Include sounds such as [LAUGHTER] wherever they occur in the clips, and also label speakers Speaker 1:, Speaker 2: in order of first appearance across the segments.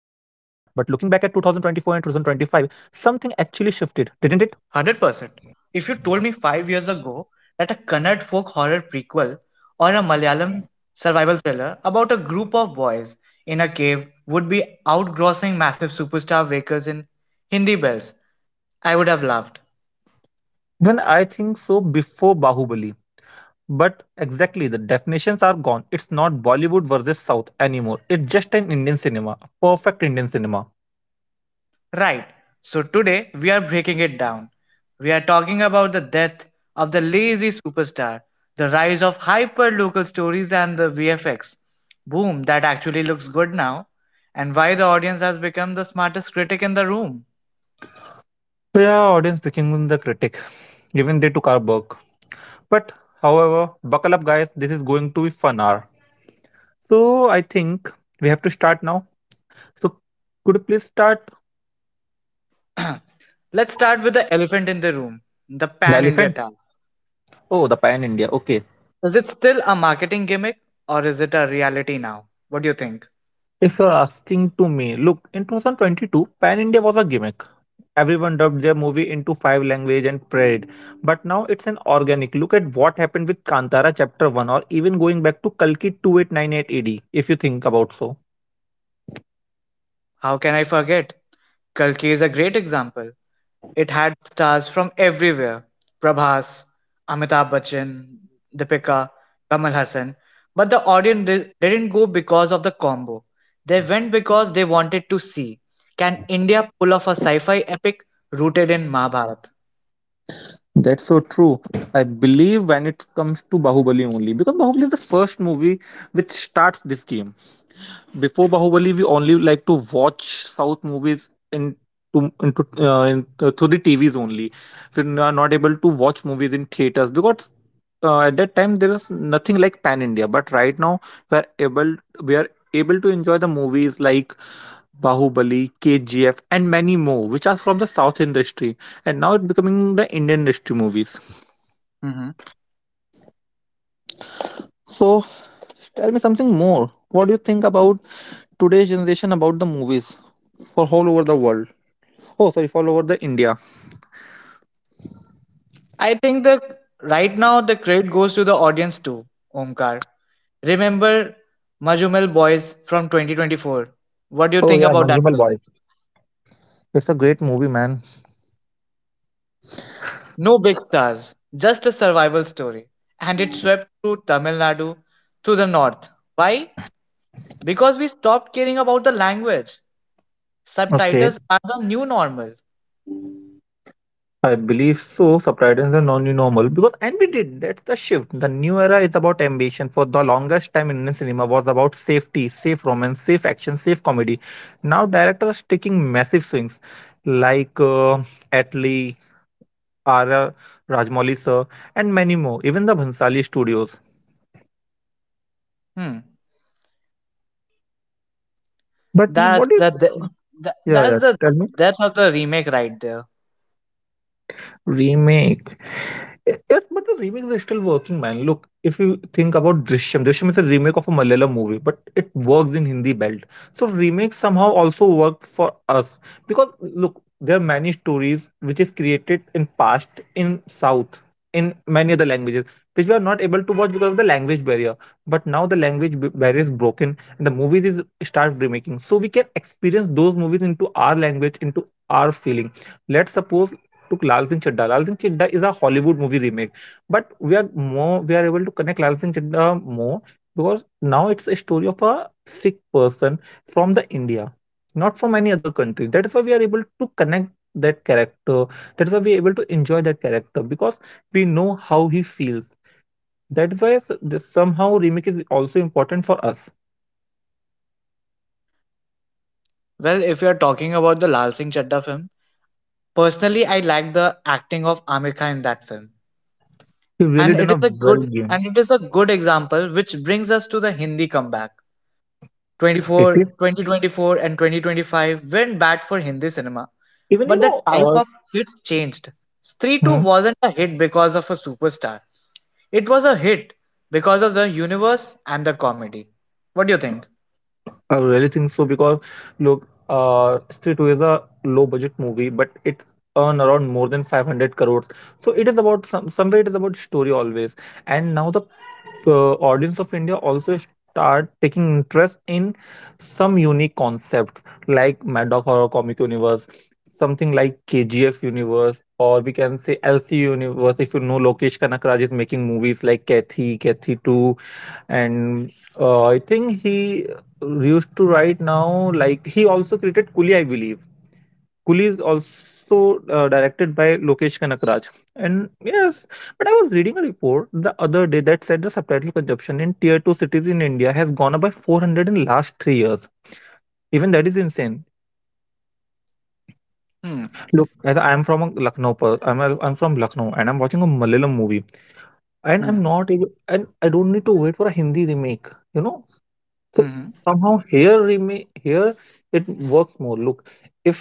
Speaker 1: Something actually shifted, didn't it?
Speaker 2: 100%. If you told me 5 years ago that a Kannad folk horror prequel or a Malayalam survival thriller about a group of boys in a cave would be outgrossing massive superstar vehicles in Hindi bells, I would have laughed.
Speaker 1: When I think so, before Bahubali. But exactly, the definitions are gone. It's not Bollywood versus South anymore. It's just an Indian cinema, a perfect Indian cinema.
Speaker 2: Right. So today we are breaking it down. We are talking about the death of the lazy superstar, the rise of hyper local stories and the VFX. Boom, that actually looks good now. And why the audience has become the smartest critic in the room.
Speaker 1: So yeah, audience became the critic. Even they took our work. But however, buckle up guys, this is going to be fun hour. So I think we have to start now. So could you please start
Speaker 2: [CLEARS THROAT] Let's start with the elephant in the room, the
Speaker 1: the
Speaker 2: Pan India
Speaker 1: elephant?
Speaker 2: tag.
Speaker 1: Oh, the pan India. Okay.
Speaker 2: Is it still a marketing gimmick or is it a reality now? What do you think?
Speaker 1: If you're asking to me, look, in 2022, Pan India was a gimmick. Everyone dubbed their movie into five language and prayed. But now it's an organic. Look at what happened with Kantara chapter 1, or even going back to Kalki 2898 AD, if you think about so.
Speaker 2: How can I forget? Kalki is a great example. It had stars from everywhere Prabhas, Amitabh Bachchan, Deepika, Kamal Hassan. But the audience didn't go because of the combo. They went because they wanted to see can India pull off a sci fi epic rooted in Mahabharata?
Speaker 1: That's so true. I believe when it comes to Bahubali only, because Bahubali is the first movie which starts this game. Before Bahubali, we only like to watch South movies in to, into in, through the TVs only. We are not able to watch movies in theaters because at that time there is nothing like Pan India. But right now we are able we are able to enjoy the movies like Bahubali, KGF, and many more, which are from the South industry, and now it's becoming the Indian industry movies.
Speaker 2: hmm
Speaker 1: So, just tell me something more. What do you think about today's generation about the movies for all over the world? Oh, sorry, for all over the India.
Speaker 2: I think the right now the credit goes to the audience too, Omkar. Remember Majumel Boys from 2024. What do you
Speaker 1: Oh
Speaker 2: think
Speaker 1: yeah,
Speaker 2: about that
Speaker 1: Manjumal Boy.
Speaker 2: film?
Speaker 1: It's a great movie, man.
Speaker 2: No big stars, just a survival story. And it swept through Tamil Nadu, to the north. Why? Because we stopped caring about the language.
Speaker 1: Okay.
Speaker 2: Subtitles are the new normal.
Speaker 1: I believe so. Subtitles are non normal because and we did. That's the shift. The new era is about ambition. For the longest time, Indian cinema was about safety, safe romance, safe action, safe comedy. Now directors are taking massive swings, like Atlee R.R. Rajmouli sir, and many more, even the Bhansali studios.
Speaker 2: Hmm.
Speaker 1: But you-
Speaker 2: That's
Speaker 1: what is.
Speaker 2: the, the, the
Speaker 1: Yeah,
Speaker 2: that's
Speaker 1: yeah,
Speaker 2: the
Speaker 1: tell me.
Speaker 2: death of the remake right there.
Speaker 1: Remake. Yes, but the remix is still working, man. Look, if you think about Drishyam, Drishyam is a remake of a Malayalam movie, but it works in Hindi belt. So remakes somehow also work for us because look, there are many stories which is created in past in South in many other languages which we are not able to watch because of the language barrier. But now the barrier is broken and the movies is start remaking, so we can experience those movies into our language, into our feeling. Let's suppose took Lal Singh Chadda. Lal Singh Chadda is a Hollywood movie remake, but we are able to connect Lal Singh Chadda more because now it's a story of a sick person from the India, not from any other country. That is why we are able to connect that character. That's why we are able to enjoy that character because we know how he feels. That is why somehow remake is also important for us.
Speaker 2: Well, if you're talking about the Lal Singh Chaddha film, personally, I like the acting of Amir Khan in that film,
Speaker 1: He really
Speaker 2: and
Speaker 1: done a well game.
Speaker 2: it is a good example which brings us to the Hindi comeback.
Speaker 1: It
Speaker 2: 24,
Speaker 1: is
Speaker 2: 2024 and 2025 went bad for Hindi cinema,
Speaker 1: even you
Speaker 2: but the
Speaker 1: know.
Speaker 2: type of hits changed. Stree 2 wasn't a hit because of a superstar. It was a hit because of the universe and the comedy. What do you think?
Speaker 1: I really think so because look, Straight Two is a low budget movie, but it earn around more than 500 crores. So it is about somewhere it is about story always. And now the audience of India also start taking interest in some unique concepts like Mad Dog Horror Comic Universe, something like KGF Universe, or we can say LC Universe. If you know Lokesh Kanakraj is making movies like Kathy, Kathy 2, and I think he used to write now. Like he also created Coolie, I believe. Coolie is also directed by Lokesh Kanakraj. And yes, but I was reading a report the other day that said the subtitle consumption in tier two cities in India has gone up by 400 in last 3 years. Even that is insane.
Speaker 2: Hmm.
Speaker 1: Look, as I'm from a Lucknow, I'm from Lucknow, and I'm watching a Malayalam movie, and
Speaker 2: Hmm.
Speaker 1: I'm not able, and I don't need to wait for a Hindi remake. You know, so
Speaker 2: Hmm.
Speaker 1: somehow here it works more. Look, if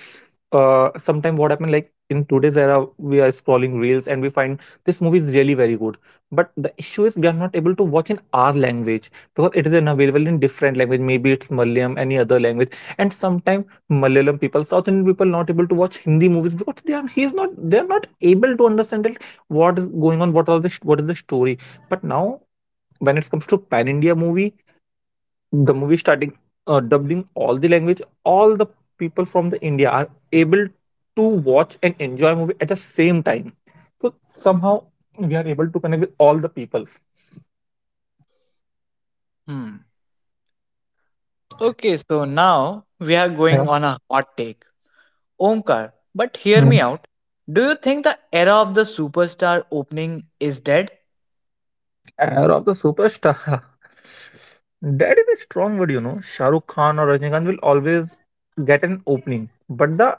Speaker 1: sometime what happened like in today's era we are scrolling reels and we find this movie is really very good, but the issue is we are not able to watch in our language because it is unavailable in different language, maybe it's malayalam any other language, and sometimes malayalam people south indian people not able to watch hindi movies because they are not able to understand that what is going on, what is the story. But now when it comes to pan india movie, the movie starting dubbing all the language, all the people from the india are able to watch and enjoy movie at the same time. So somehow we are able to connect with all the peoples.
Speaker 2: Hmm. Okay, so now we are
Speaker 1: Yeah.
Speaker 2: going on a hot take. Omkar, but hear me
Speaker 1: Mm.
Speaker 2: out. Do you think the era of the superstar opening is dead?
Speaker 1: Air of the superstar [LAUGHS] that is a strong word, you know, shahrukh khan or rajnikant will always get an opening, but the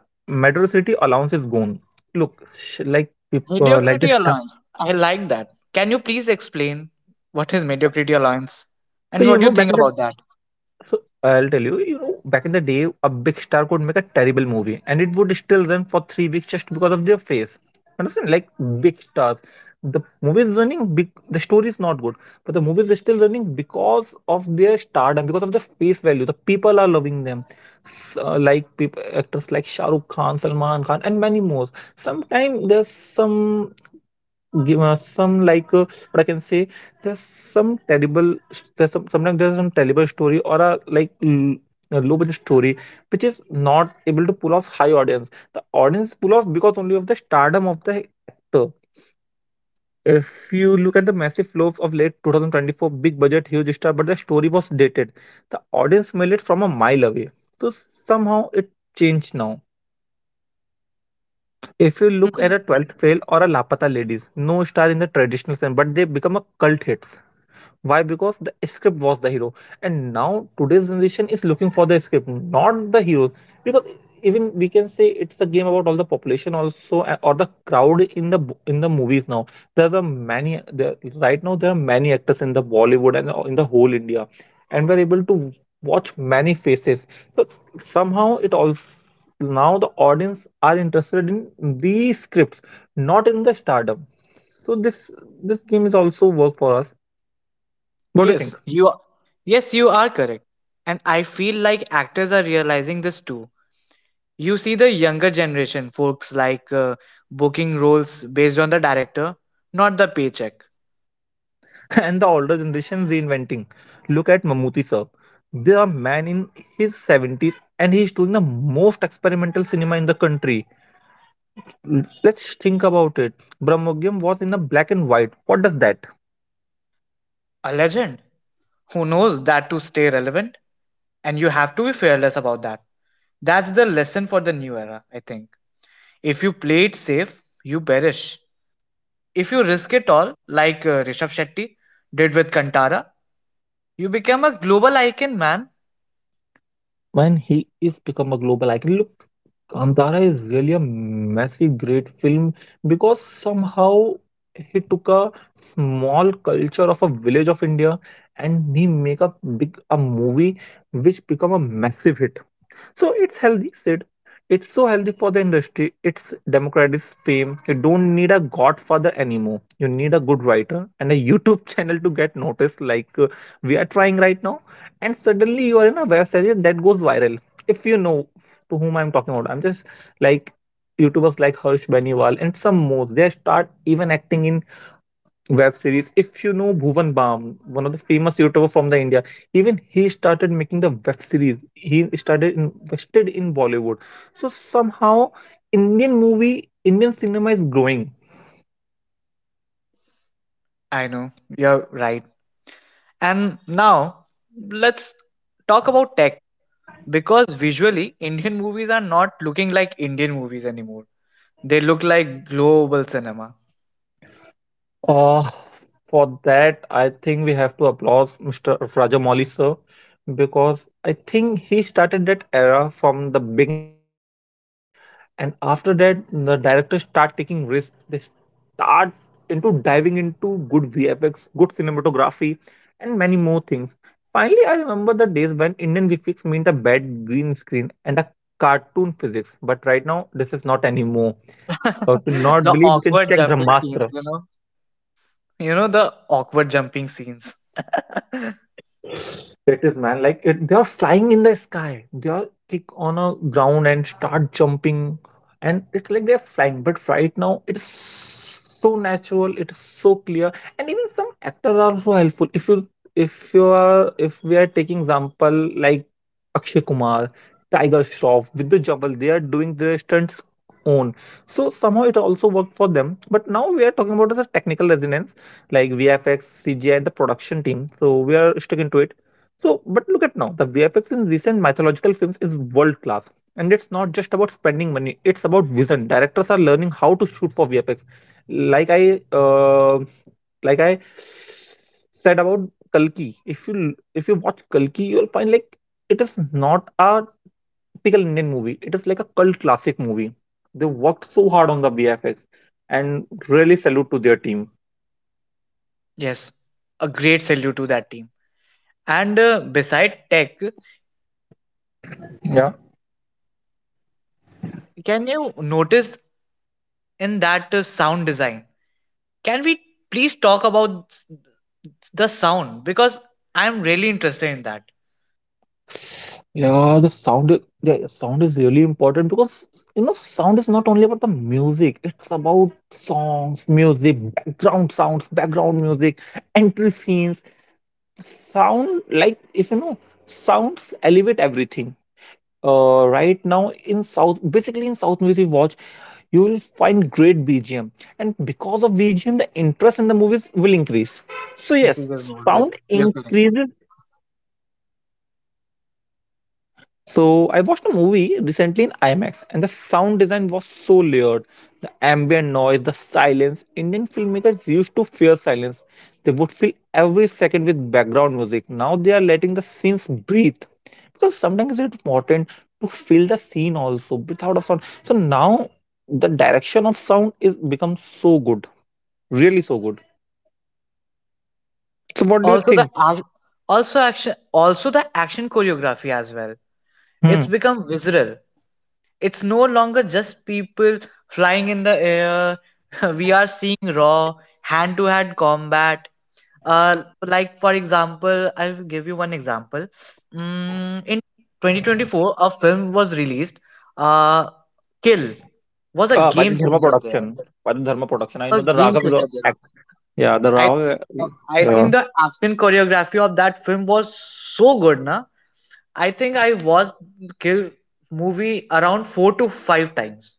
Speaker 1: metro city allowance is gone. Look, like people like
Speaker 2: Mediocrity
Speaker 1: this.
Speaker 2: Alliance. I like that. Can you please explain what is Mediocrity Alliance
Speaker 1: So
Speaker 2: and
Speaker 1: you
Speaker 2: what do
Speaker 1: know
Speaker 2: you
Speaker 1: back
Speaker 2: think
Speaker 1: in the
Speaker 2: about that?
Speaker 1: so I'll tell you, you know, back in the day, a big star could make a terrible movie and it would still run for 3 weeks just because of their face. Understand? Like big stars. The movie is running big, the story is not good. But the movie is still running because of their stardom, because of the face value. The people are loving them. Like people, actors like Shah Rukh Khan, Salman Khan, and many more. Sometimes there's some give us some like what I can say. There's some terrible. There's some terrible story or a a low budget story which is not able to pull off high audience. The audience pull off because only of the stardom of the actor. If you look at the massive flops of late 2024, big budget, huge star, but the story was dated. The audience smelled it from a mile away. So somehow it changed now. If you look
Speaker 2: Hmm.
Speaker 1: at a 12th fail or a Lapata ladies, no star in the traditional sense, but they become a cult hits. Why? Because the script was the hero, and now today's generation is looking for the script, not the hero. Because even we can say it's a game about all the population also, or the crowd in the in the movies now. There's a many there, right now. There are many actors in the Bollywood and in the whole India, and we're able to watch many faces. So somehow it all now the audience are interested in these scripts, not in the stardom. So this game is also work for us. What do you
Speaker 2: Yes,
Speaker 1: think?
Speaker 2: you are, yes, you are correct. And I feel like actors are realizing this too. You see the younger generation folks like booking roles based on the director, not the paycheck.
Speaker 1: [LAUGHS] And the older generation reinventing. Look at Mammootty Sir. There are man in his 70s and he's doing the most experimental cinema in the country. Let's think about it. Brahmogyam was in a black and white. What does that?
Speaker 2: A legend who knows that to stay relevant and you have to be fearless about that. That's the lesson for the new era, I think. If you play it safe, you perish. If you risk it all, like Rishabh Shetty did with Kantara, you become a global icon, man.
Speaker 1: When he is become a global icon, look, Kantara is really a massive great film because somehow he took a small culture of a village of India and he make a big a movie which become a massive hit. So it's healthy, Sid. It's so healthy for the industry. It's democratic fame. You don't need a godfather anymore. You need a good writer and a YouTube [LAUGHS] channel to get noticed, like we are trying right now. And suddenly you are in a web series that goes viral. If you know to whom I'm talking about, I'm just like YouTubers like Harsh Beniwal and some more. They start even acting in web series. If you know Bhuvan Bam, one of the famous YouTuber from the India, even he started making the web series. He started invested in Bollywood. So somehow Indian movie, Indian cinema is growing.
Speaker 2: I know, you're right. And now, let's talk about tech because visually, Indian movies are not looking like Indian movies anymore. They look like global cinema.
Speaker 1: Uh, for that, I think we have to applaud Mr. Rajamouli sir because I think he started that era from the beginning of Bahubali, and after that the directors start taking risks. They start into diving into good VFX, good cinematography, and many more things. Finally, I remember the days when Indian VFX meant a bad green screen and a cartoon physics, but right now this is not anymore. To
Speaker 2: [LAUGHS]
Speaker 1: not
Speaker 2: the
Speaker 1: believe you can
Speaker 2: awkward
Speaker 1: check
Speaker 2: jumping scenes,
Speaker 1: brahmastra.
Speaker 2: you know? You know, the awkward jumping scenes. [LAUGHS]
Speaker 1: It is, man. Like it, they are flying in the sky. They are kick on a ground and start jumping, and it's like they're flying. But right now, it's so natural. It is so clear, and even some actors are so helpful. If you are, if we are taking example like Akshay Kumar, Tiger Shroff, Vidhu Jawal, they are doing their stunts own. So somehow it also worked for them. But now we are talking about as a technical resonance like VFX, CGI, and the production team. So we are sticking to it. So, but look at now, the VFX in recent mythological films is world class. And it's not just about spending money, it's about vision. Directors are learning how to shoot for VFX. Like I uh, like I said about Kalki. If you watch Kalki, you'll find like it is not a typical Indian movie. It is like a cult classic movie. They worked so hard on the VFX and really salute to their team.
Speaker 2: Yes, a great salute to that team. And beside tech,
Speaker 1: Yeah.
Speaker 2: can you notice in that sound design. Can we please talk about the sound? Because I'm really interested in that.
Speaker 1: Yeah, the sound is really important because you know sound is not only about the music, it's about songs, music, background sounds, background music, entry scenes. Sound like is you know sounds elevate everything. Right now in South, basically in South music, watch you will find great BGM, and because of BGM, the interest in the movies will increase. So yes,
Speaker 2: Increases more. Yes,
Speaker 1: sound
Speaker 2: you're correct.
Speaker 1: increases. So I watched a movie recently in IMAX, and the sound design was so layered. The ambient noise, the silence. Indian filmmakers used to fear silence. They would fill every second with background music. Now they are letting the scenes breathe. Because sometimes it's important to fill the scene also without a sound. So now the direction of sound is become so good. Really so good. So what do you
Speaker 2: Also the
Speaker 1: think?
Speaker 2: ac- also the action choreography as well. It's
Speaker 1: Hmm.
Speaker 2: become visceral. It's no longer just people flying in the air. [LAUGHS] we are seeing raw hand to hand combat. Like for example, I'll give you one example. In 2024, a film was released. Uh, Kill was a
Speaker 1: By the
Speaker 2: game
Speaker 1: Dharma
Speaker 2: changer there.
Speaker 1: production. By the Dharma production. I
Speaker 2: A
Speaker 1: know the
Speaker 2: game
Speaker 1: Raghav is a
Speaker 2: changer there.
Speaker 1: act. Yeah, the
Speaker 2: I
Speaker 1: Raghav.
Speaker 2: I
Speaker 1: Yeah.
Speaker 2: think the action choreography of that film was so good, na. I think I watched Kill movie around four to five times.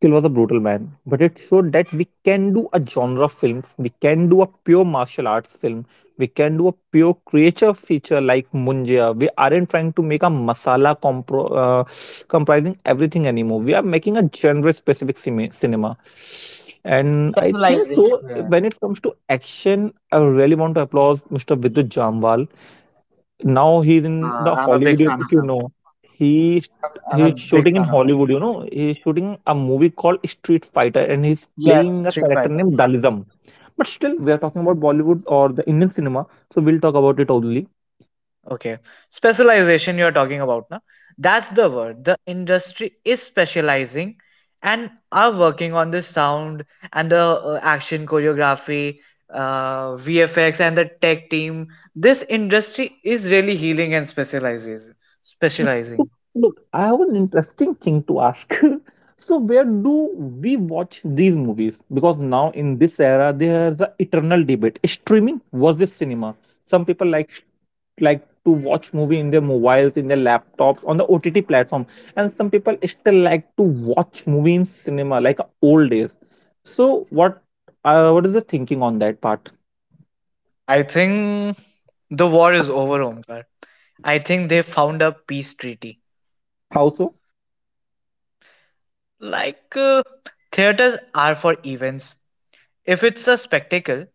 Speaker 1: Kill was a brutal man, but it showed that we can do a genre film, we can do a pure martial arts film, we can do a pure creature feature like Munjia. We aren't trying to make a masala comprising everything anymore. We are making a genre specific cinema. And I think
Speaker 2: Specialization.
Speaker 1: so, when it comes to action, I really want to applaud Mr. Vidut Jamwal, now he's in the
Speaker 2: I'm a big
Speaker 1: Hollywood,
Speaker 2: fan of
Speaker 1: if you
Speaker 2: him.
Speaker 1: know. he
Speaker 2: I'm a
Speaker 1: he's
Speaker 2: big
Speaker 1: shooting in
Speaker 2: fan of him.
Speaker 1: Hollywood, you know. He's shooting a movie called Street Fighter and he's
Speaker 2: Yes,
Speaker 1: playing a
Speaker 2: Street
Speaker 1: character
Speaker 2: Fighter.
Speaker 1: named Dalism. But still we are talking about Bollywood or the Indian cinema, so we'll talk about it only.
Speaker 2: Okay. Specialization you're talking about, na? That's the word. The industry is specializing and are working on the sound and the action choreography, VFX and the tech team. This industry is really healing and specializes. Specializing.
Speaker 1: So, look, I have an interesting thing to ask. [LAUGHS] So where do we watch these movies? Because now in this era there's an eternal debate. Streaming versus cinema. Some people like to watch movie in their mobiles, in their laptops on the OTT platform, and some people still like to watch movie in cinema like old days. So what is the thinking on that part?
Speaker 2: I think the war is over, Omkar. I think they found a peace treaty.
Speaker 1: How so?
Speaker 2: Like, uh, Theaters are for events. If it's a spectacle,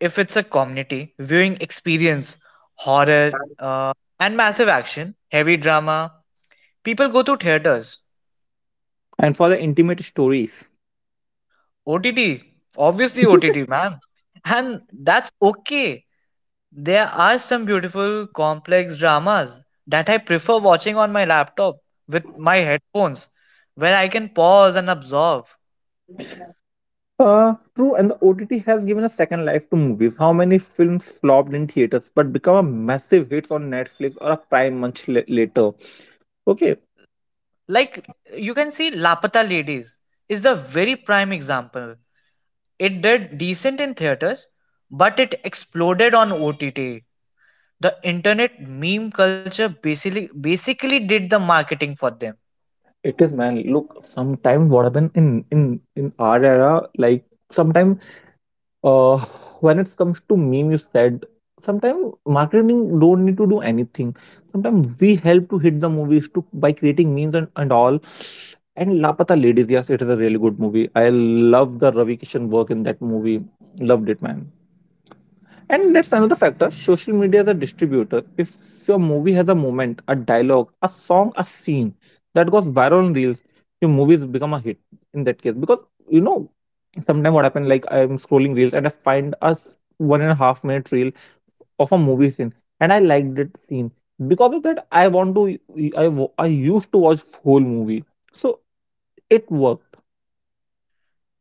Speaker 2: if it's a community viewing experience, horror, and massive action, heavy drama, people go to theaters.
Speaker 1: And for the intimate stories.
Speaker 2: OTT, obviously OTT,
Speaker 1: [LAUGHS]
Speaker 2: man. And that's okay. There are some beautiful, complex dramas that I prefer watching on my laptop with my headphones, where I can pause and absorb.
Speaker 1: True, and the OTT has given a second life to movies. How many films flopped in theaters but become a massive hits on Netflix or a Prime later? Okay,
Speaker 2: Like you can see Lapata Ladies is the very prime example. It did decent in theaters, but it exploded on OTT. The internet meme culture basically did the marketing for them.
Speaker 1: it is man. Look, sometime what happened in our era, like sometime. uh, when it comes to meme you said, sometimes marketing don't need to do anything. Sometimes we help to hit the movies to by creating memes and all. And lapata ladies, yes, it is a really good movie. I love the Ravi Kishan work in that movie. Loved it man. And that's another factor. Social media is a distributor. If your movie has a moment, a dialogue, a song, a scene that goes viral on reels, your movies become a hit in that case. Because you know, sometimes what happens, like I'm scrolling reels and I find a 1.5 minute reel of a movie scene, and I like that scene. Because of that, I want to. I wa- I used to watch whole movie, so it worked.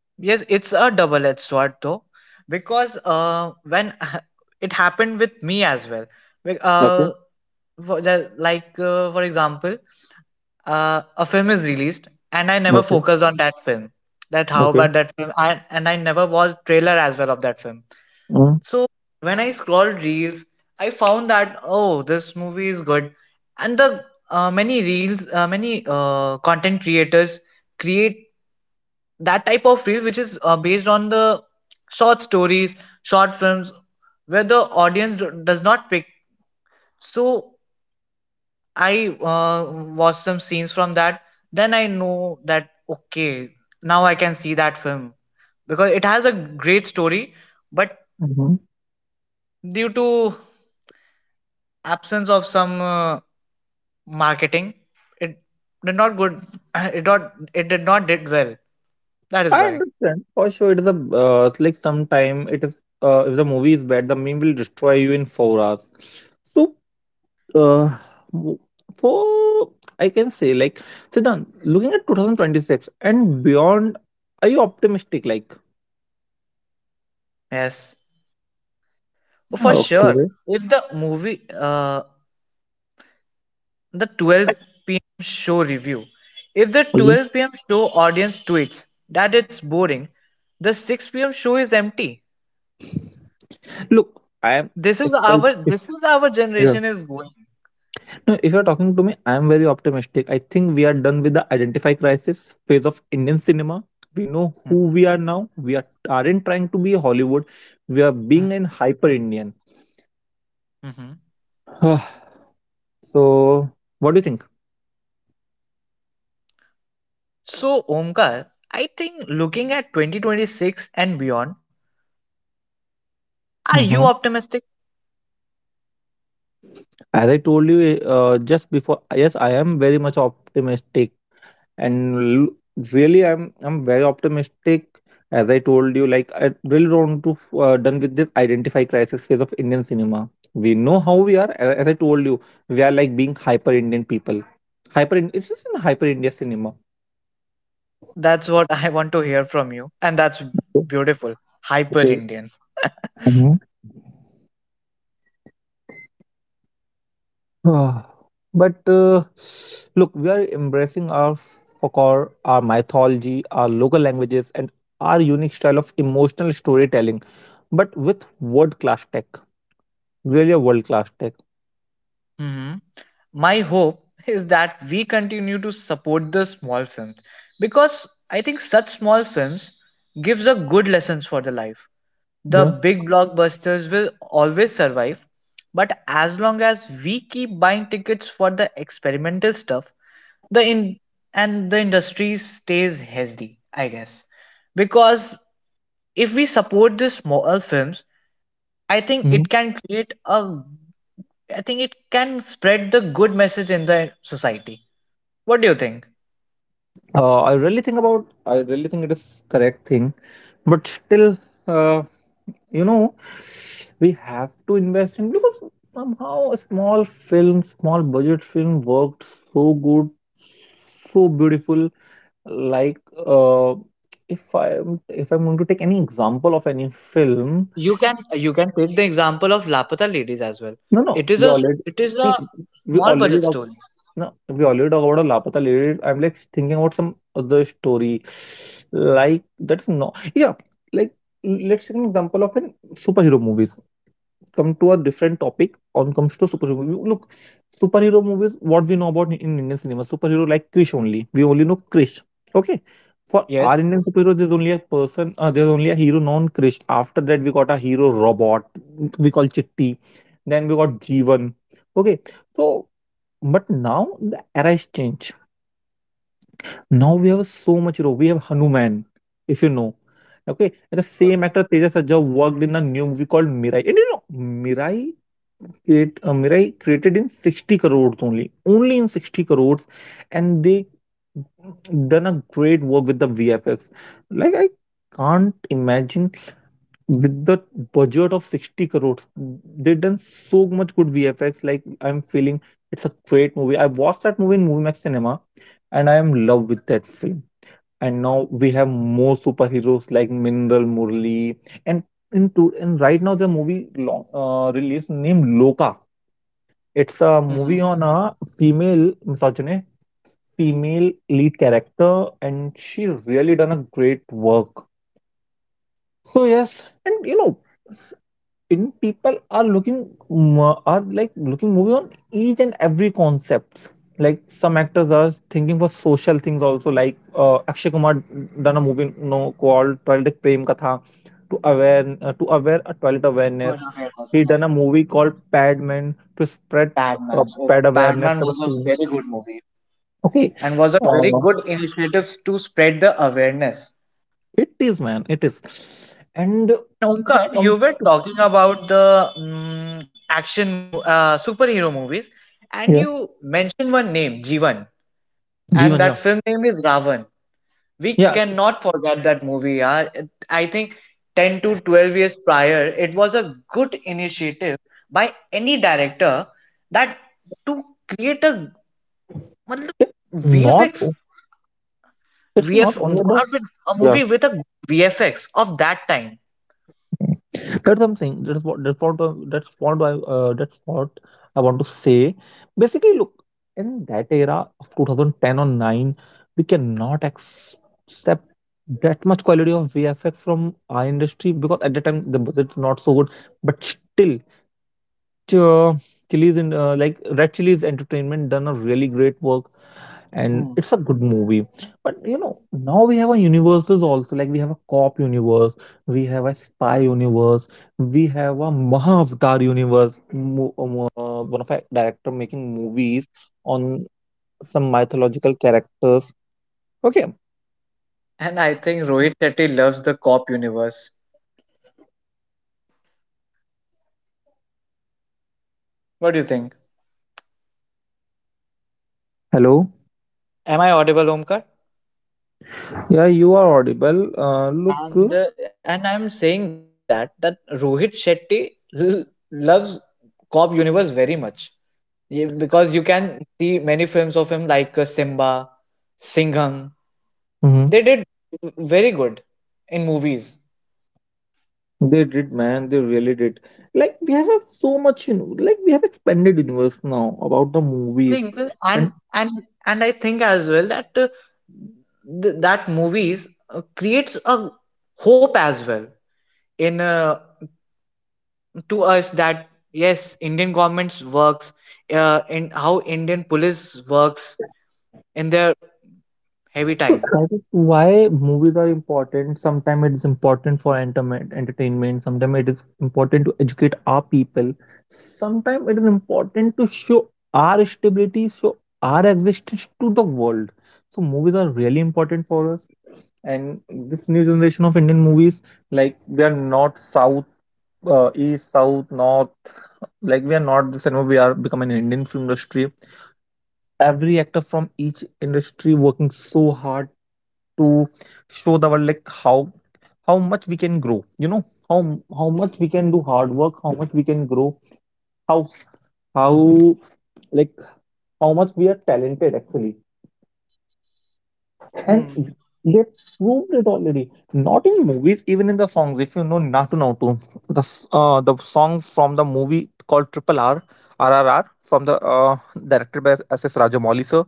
Speaker 2: Yes, it's a double-edged sword though, because when [LAUGHS] it happened with me as well. Like,
Speaker 1: Okay.
Speaker 2: For the, like For example, a film is released and I never
Speaker 1: Okay.
Speaker 2: focused on that film. That how
Speaker 1: Okay.
Speaker 2: about that film? And I never watched trailer as well of that film. So when I scrolled reels, I found that oh this movie is good, and the many reels, many content creators create that type of reel which is based on the short stories, short films where the audience does not pick. So I watched some scenes from that. Then I know that okay, now I can see that film because it has a great story, but
Speaker 1: Mm-hmm.
Speaker 2: due to absence of some marketing, it did not good. [CLEARS THROAT] It did not did well. That is
Speaker 1: I
Speaker 2: why.
Speaker 1: understand for sure. It is a it's like sometime it is if the movie is bad, the meme will destroy you in 4 hours. So uh, w- for I can say like Siddhan, looking at 2026 and beyond, are you optimistic? Like
Speaker 2: Yes, for sure.
Speaker 1: okay,
Speaker 2: If the movie, the 12 p.m. show review, if the
Speaker 1: mhm.
Speaker 2: 12 p.m. show audience tweets that it's boring, the 6 p.m. show is empty.
Speaker 1: Look, I am. If I,
Speaker 2: This is our
Speaker 1: if
Speaker 2: generation is going.
Speaker 1: no, if you're talking to me, I am very optimistic. I think we are done with the identify crisis phase of Indian cinema. We know who
Speaker 2: Mhm,
Speaker 1: we are now. We are aren't trying to be a Hollywood. We are being
Speaker 2: mhm,
Speaker 1: an hyper Indian.
Speaker 2: mhm.
Speaker 1: [SIGHS] So, what do you think?
Speaker 2: So Omkar, I think looking at 2026 and beyond, are you
Speaker 1: Hmm.
Speaker 2: optimistic?
Speaker 1: As I told you just before, yes, I am very much optimistic. and l- Really, I'm very optimistic. As I told you, like I really want to done with this identify crisis phase of Indian cinema. We know how we are a- As I told you, we are like being hyper Indian people. It's just in hyper India cinema.
Speaker 2: That's what I want to hear from you, and that's beautiful. Hyper
Speaker 1: Okay.
Speaker 2: Indian.
Speaker 1: Mhm. Ah, [SIGHS] but look, we are embracing our folklore, our mythology, our local languages, and our unique style of emotional storytelling, but with world class tech. Really a world class tech.
Speaker 2: hmm my hope is that we continue to support the small films because I think such small films gives a good lessons for the life. The
Speaker 1: Yeah.
Speaker 2: big blockbusters will always survive. But as long as we keep buying tickets for the experimental stuff, the in and the industry stays healthy, I guess. Because if we support the small films, I think it
Speaker 1: Mhm.
Speaker 2: can create a I think it can spread the good message in the society. What do you think?
Speaker 1: I really think about. I really think it is correct thing, but still, uh, you know, we have to invest in because somehow a small film, small budget film worked so good, so beautiful. Like, uh, if I'm going to take any example of any film,
Speaker 2: You can take the example of Lapata Ladies as well.
Speaker 1: no, no,
Speaker 2: It is
Speaker 1: we
Speaker 2: a
Speaker 1: already
Speaker 2: it is
Speaker 1: we
Speaker 2: a
Speaker 1: we
Speaker 2: small
Speaker 1: already
Speaker 2: budget
Speaker 1: talk.
Speaker 2: story.
Speaker 1: No, we already talk about a Lapata lady. I'm like thinking about some other story, like that's not. Yeah, like let's take an example of an superhero movies. Come to a different topic on comes to superhero movie. Look, superhero movies, what we know about in Indian cinema, superhero like Krish only. We only know Krish. Okay. For
Speaker 2: Yes.
Speaker 1: our Indian superheroes, there's only a person, there's only a hero known Krish. After that, we got a hero robot, we call Chitti. Then we got Jeevan. Okay. So, but now the era is changed. Now we have so much hero. We have Hanuman, if you know. Okay, and the same actor Tejas Sajja worked in a new movie called Mirai. And you know, Mirai created in 60 crores only, only in 60 crores, and they done a great work with the VFX. Like I can't imagine with the budget of 60 crores, they done so much good VFX. Like I'm feeling it's a great movie. I watched that movie in Movie Max Cinema, and I am in love with that film. And now we have more superheroes like Mineral Murli and in to and right now the movie long release named Loka. It's a
Speaker 2: Yes.
Speaker 1: movie on a female misogyny, female lead character, and she really done a great work. So yes, and you know, s- in people are looking are like looking movie on each and every concepts. Like some actors are thinking for social things also, like Akshay Kumar done a movie you know, called Toilet Prem Katha to aware a toilet awareness.
Speaker 2: Roger Fairclough,
Speaker 1: He
Speaker 2: yes.
Speaker 1: done a movie called Padman to spread
Speaker 2: Padman. So
Speaker 1: pad awareness
Speaker 2: Padman
Speaker 1: for the
Speaker 2: was a
Speaker 1: scene.
Speaker 2: very good movie
Speaker 1: Okay,
Speaker 2: and was a very
Speaker 1: uh,
Speaker 2: good initiative to spread the awareness.
Speaker 1: it is man, it is. And
Speaker 2: Now,
Speaker 1: if it
Speaker 2: Omkar,
Speaker 1: comes
Speaker 2: you were
Speaker 1: to,
Speaker 2: talking about the superhero movies, and
Speaker 1: yeah,
Speaker 2: you mentioned one name, Jeevan, and
Speaker 1: Jeevan,
Speaker 2: that
Speaker 1: yeah,
Speaker 2: film name is Ravan. We
Speaker 1: yeah,
Speaker 2: cannot forget that movie. Yaar. I think 10 to 12 years prior, it was a good initiative by any director that to create a
Speaker 1: it
Speaker 2: मतलब
Speaker 1: not
Speaker 2: VFX
Speaker 1: it's not
Speaker 2: VF
Speaker 1: only about,
Speaker 2: god with a
Speaker 1: yeah,
Speaker 2: movie with a VFX of that time.
Speaker 1: that's something, that's what that's what that's what I want to say. Basically, look, in that era of 2010 or 9, we cannot accept that much quality of VFX from our industry because at the time the budget's not so good. But still, uh, Chili's in like Red Chili's Entertainment done a really great work, and
Speaker 2: Hmm.
Speaker 1: it's a good movie. But you know now we have a universes also, like we have a cop universe, we have a spy universe, we have a mahavatar universe.
Speaker 2: And I think Rohit Shetty loves the cop universe. What do you think? Am I audible, Omkar?
Speaker 1: Yeah, you are audible.
Speaker 2: And
Speaker 1: Look,
Speaker 2: I'm saying that that Rohit Shetty l- loves cop universe very much. Because you can see many films of him like Simba, Singham.
Speaker 1: mm-hmm,
Speaker 2: They did very good in movies.
Speaker 1: they did, man. They really did. Like we have a so much, you know, like we have expanded universe now about the movies.
Speaker 2: Think that-
Speaker 1: And.
Speaker 2: and and I think as well that that movies creates a hope as well in to us that yes Indian governments works, in how Indian police works in their heavy
Speaker 1: So
Speaker 2: time.
Speaker 1: that is why movies are important. Sometimes it is important for entertainment, entertainment. Sometimes it is important to educate our people. Sometimes it is important to show our stability, show our existence to the world. So movies are really important for us. And this new generation of Indian movies, like we are not South, East, South, North. Like we are not the same. We are becoming an Indian film industry. Every actor from each industry working so hard to show the world like how much we can grow, you know, how how much we can do hard work, how much we can grow, how how like how much we are talented actually.
Speaker 2: Hmm.
Speaker 1: And they proved it already. Not in movies, even in the songs. If you know Natu Nautu, the song from the movie called Triple R R R R, from the directed by S S Rajamouli sir,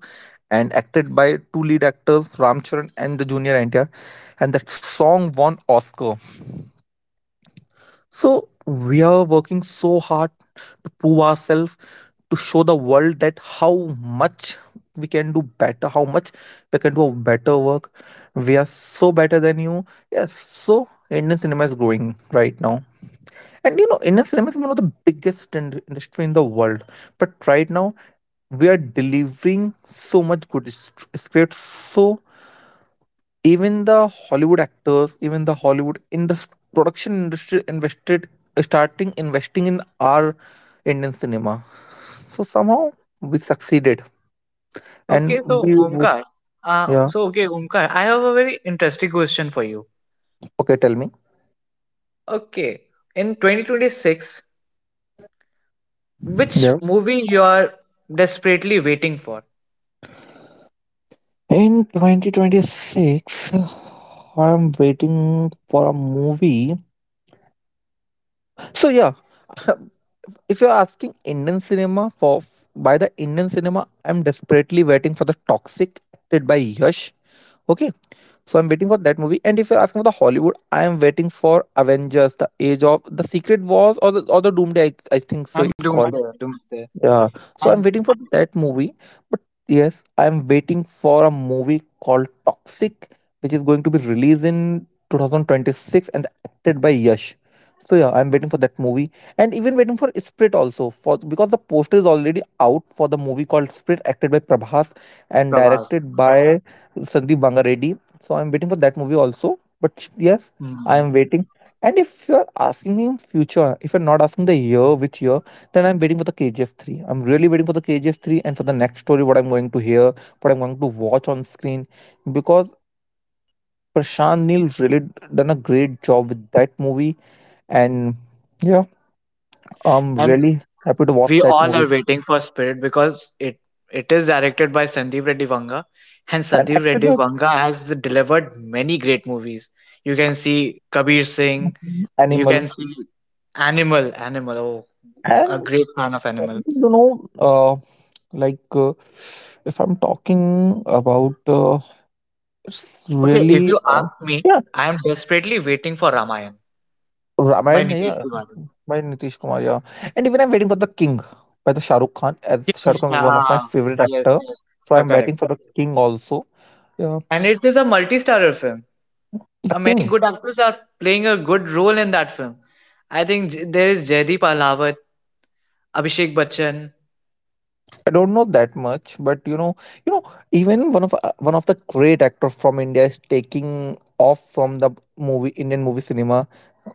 Speaker 1: and acted by two lead actors Ramcharan and the junior NTR, and that song won Oscar. So we are working so hard to prove ourselves, to show the world that how much we can do better, how much we can do a better work. We are so better than you. Yes, so Indian cinema is growing right now. And you know, Indian cinema is one of the biggest industry in the world. But right now, we are delivering so much good scripts, so even the Hollywood actors, even the hollywood industry production industry invested starting investing in our Indian cinema, so somehow we succeeded and
Speaker 2: Okay, so
Speaker 1: we would.
Speaker 2: Omkar,
Speaker 1: Yeah,
Speaker 2: I have a very interesting question for you.
Speaker 1: okay, tell me.
Speaker 2: Okay, in 2026, which
Speaker 1: Yeah.
Speaker 2: movie you are desperately waiting for?
Speaker 1: In 2026, I'm waiting for a movie, so yeah. [LAUGHS] If you're asking Indian cinema, for by the Indian cinema I'm desperately waiting for the Toxic, acted by Yash. Okay. So I'm waiting for that movie. And if you're asking for the Hollywood, I am waiting for Avengers: The Age of the Secret Wars or the Doomsday. I think so,
Speaker 2: And the
Speaker 1: it called.
Speaker 2: Doomsday, Doomsday.
Speaker 1: Yeah, so I'm waiting for that movie, but yes, I'm waiting for a movie called Toxic, which is going to be released in 2026 and acted by Yash. So yeah, I'm waiting for that movie, and even waiting for Split also, for because the poster is already out for the movie called Split, acted by Prabhas and
Speaker 2: Prabhas.
Speaker 1: directed by Sandeep Bangareddy. So I'm waiting for that movie also. But yes, I
Speaker 2: Hmm.
Speaker 1: am waiting. And if you're asking me in future, if you're not asking the year, which year, then I'm waiting for the KGF 3. I'm really waiting for the KGF 3 and for the next story, what I'm going to hear, what I'm going to watch on screen. Because Prashant Neil really done a great job with that movie. And yeah, I'm
Speaker 2: And
Speaker 1: really happy to watch
Speaker 2: we
Speaker 1: that
Speaker 2: all are
Speaker 1: movie.
Speaker 2: waiting for Spirit because it is directed by Sandeep Reddy Vanga, and
Speaker 1: And
Speaker 2: Sandeep
Speaker 1: acted
Speaker 2: Reddy
Speaker 1: as
Speaker 2: Vanga has delivered many great movies. You can see Kabir Singh. You
Speaker 1: Animal.
Speaker 2: can see Animal. Animal. Oh, a
Speaker 1: And
Speaker 2: great fan of Animal.
Speaker 1: you know, uh, like if I'm talking about, it's
Speaker 2: Okay, if
Speaker 1: really
Speaker 2: you ask me,
Speaker 1: yeah,
Speaker 2: I am desperately waiting for Ramayan by
Speaker 1: Ramayana. Yeah,
Speaker 2: Nitesh Tiwari.
Speaker 1: by Nitish Kumar, yeah. And even I'm waiting for The King by the Shah Rukh Khan, as Shah
Speaker 2: Yes,
Speaker 1: Rukh Khan is one of my favorite
Speaker 2: yes,
Speaker 1: actor.
Speaker 2: yes,
Speaker 1: So
Speaker 2: you're
Speaker 1: I'm
Speaker 2: correct.
Speaker 1: waiting for The King also. Yeah,
Speaker 2: And it is a multi-starrer film.
Speaker 1: The
Speaker 2: Many
Speaker 1: King.
Speaker 2: good actors are playing a good role in that film. I think there is Jaideep Alawat, Abhishek Bachchan.
Speaker 1: I don't know that much, but you know, even one of the great actor from India is taking off from the movie Indian movie cinema,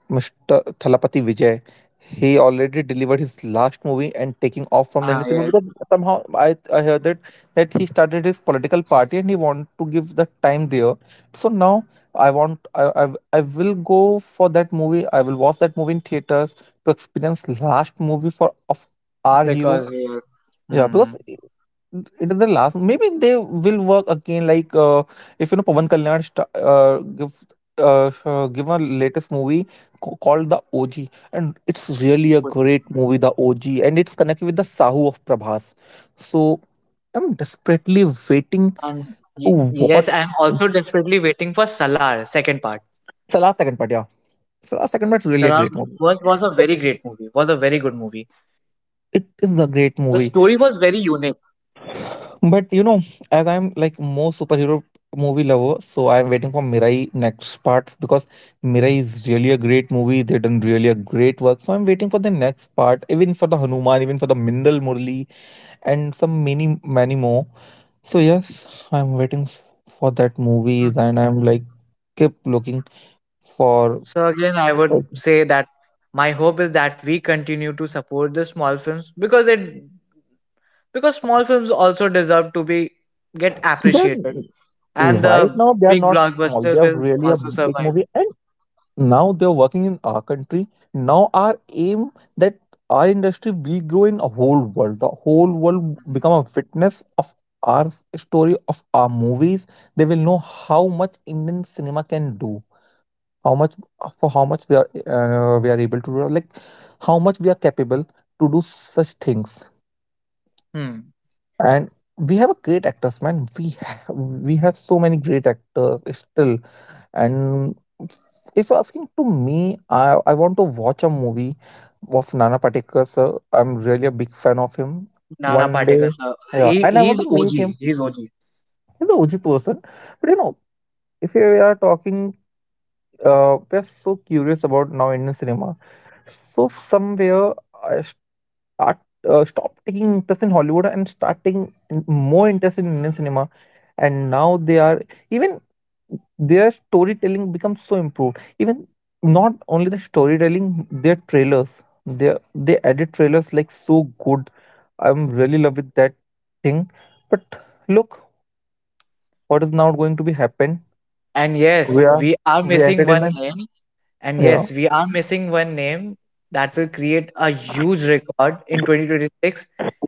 Speaker 1: Mr. Thalapathy Vijay. He already delivered his last movie and taking off from the
Speaker 2: Ah,
Speaker 1: Indian cinema
Speaker 2: yes,
Speaker 1: because somehow I heard that he started his political party and he want to give the time there. So now I want I will go for that movie. I will watch that movie in theaters to experience last movie for of our hero.
Speaker 2: because yes.
Speaker 1: Yeah,
Speaker 2: Hmm.
Speaker 1: because it is the last. Maybe they will work again. Like if you know Pavan Kalyan give a latest movie called The OG, and it's really a great
Speaker 2: Mhm.
Speaker 1: movie, The OG, and it's connected with the Sahu of Prabhas. So I'm desperately waiting
Speaker 2: And Y-
Speaker 1: to
Speaker 2: yes,
Speaker 1: watch
Speaker 2: I'm also desperately waiting for Salar second part.
Speaker 1: Salah Second Part. Yeah, Salah Second Part is really a
Speaker 2: Salar
Speaker 1: great movie.
Speaker 2: was a very great movie. Was a very good movie.
Speaker 1: It is a great
Speaker 2: The
Speaker 1: movie.
Speaker 2: story was very unique.
Speaker 1: But you know, as I'm like most superhero movie lover, so I'm waiting for Mirai next part because Mirai is really a great movie. They done really a great work. So I'm waiting for the next part, even for the Hanuman, even for the Mindal Murli, and some many many more. So yes, I'm waiting for that
Speaker 2: Mm.
Speaker 1: movies, and I'm like keep looking for.
Speaker 2: So again, I would
Speaker 1: Like,
Speaker 2: say that my hope is that we continue to support the small films because small films also deserve to be get appreciated,
Speaker 1: they're
Speaker 2: and
Speaker 1: right
Speaker 2: the
Speaker 1: now they are
Speaker 2: big
Speaker 1: not small. They
Speaker 2: blockbuster
Speaker 1: are
Speaker 2: will
Speaker 1: really a
Speaker 2: also
Speaker 1: big
Speaker 2: survive.
Speaker 1: movie, and now they're working in our country. Now our aim that our industry will grow in a whole world, the whole world become a witness of our story of our movies. They will know how much Indian cinema can do, how much for how much we are able to do, like how much we are capable to do such things.
Speaker 2: Hmm.
Speaker 1: And we have a great actors, man. We have so many great actors still. And if you're asking to me, I want to watch a movie of Nana Patekar sir. I'm really a big fan of him.
Speaker 2: Nana
Speaker 1: One day,
Speaker 2: Patekar sir.
Speaker 1: yeah,
Speaker 2: he,
Speaker 1: and I
Speaker 2: he's
Speaker 1: want to
Speaker 2: og
Speaker 1: meet him.
Speaker 2: he's og
Speaker 1: He's a OG person. But you know, if we are talking, we're so curious about now Indian cinema. So somewhere I start stop taking interest in Hollywood and starting more interest in Indian cinema. And now they are even their storytelling becomes so improved. Even not only the storytelling, their trailers. They edit trailers like so good. I'm really love with that thing. But look, what is now going to be happen?
Speaker 2: and yes
Speaker 1: We are
Speaker 2: we are
Speaker 1: we are
Speaker 2: missing one
Speaker 1: entertainment.
Speaker 2: name and
Speaker 1: Yeah.
Speaker 2: yes, we are missing one name that will create a huge record in 2026,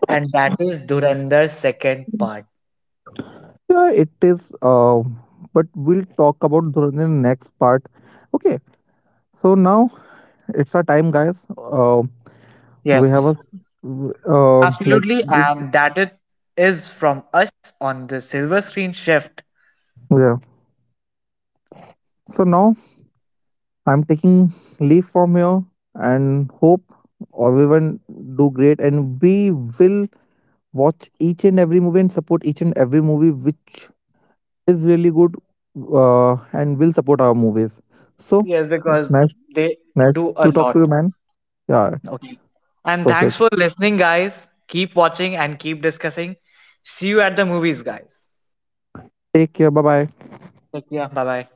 Speaker 2: and that is Durandar second part.
Speaker 1: Yeah, it is. But we'll talk about during the next part. Okay, so now it's our time, guys. We
Speaker 2: Yes,
Speaker 1: have a like
Speaker 2: absolutely. And that it is from us on the Silver Screen Shift.
Speaker 1: yeah. So now I'm taking leave from here and hope everyone do great and we will watch each and every movie and support each and every movie which is really good, and will support our movies. So
Speaker 2: Yes, because
Speaker 1: it's nice,
Speaker 2: they
Speaker 1: nice
Speaker 2: do a
Speaker 1: to talk to you,
Speaker 2: lot.
Speaker 1: man. Yeah.
Speaker 2: Okay. And
Speaker 1: So okay.
Speaker 2: thanks for listening, guys. Keep watching and keep discussing. See you at the movies, guys.
Speaker 1: Take care. Bye bye.
Speaker 2: Take care. Bye bye.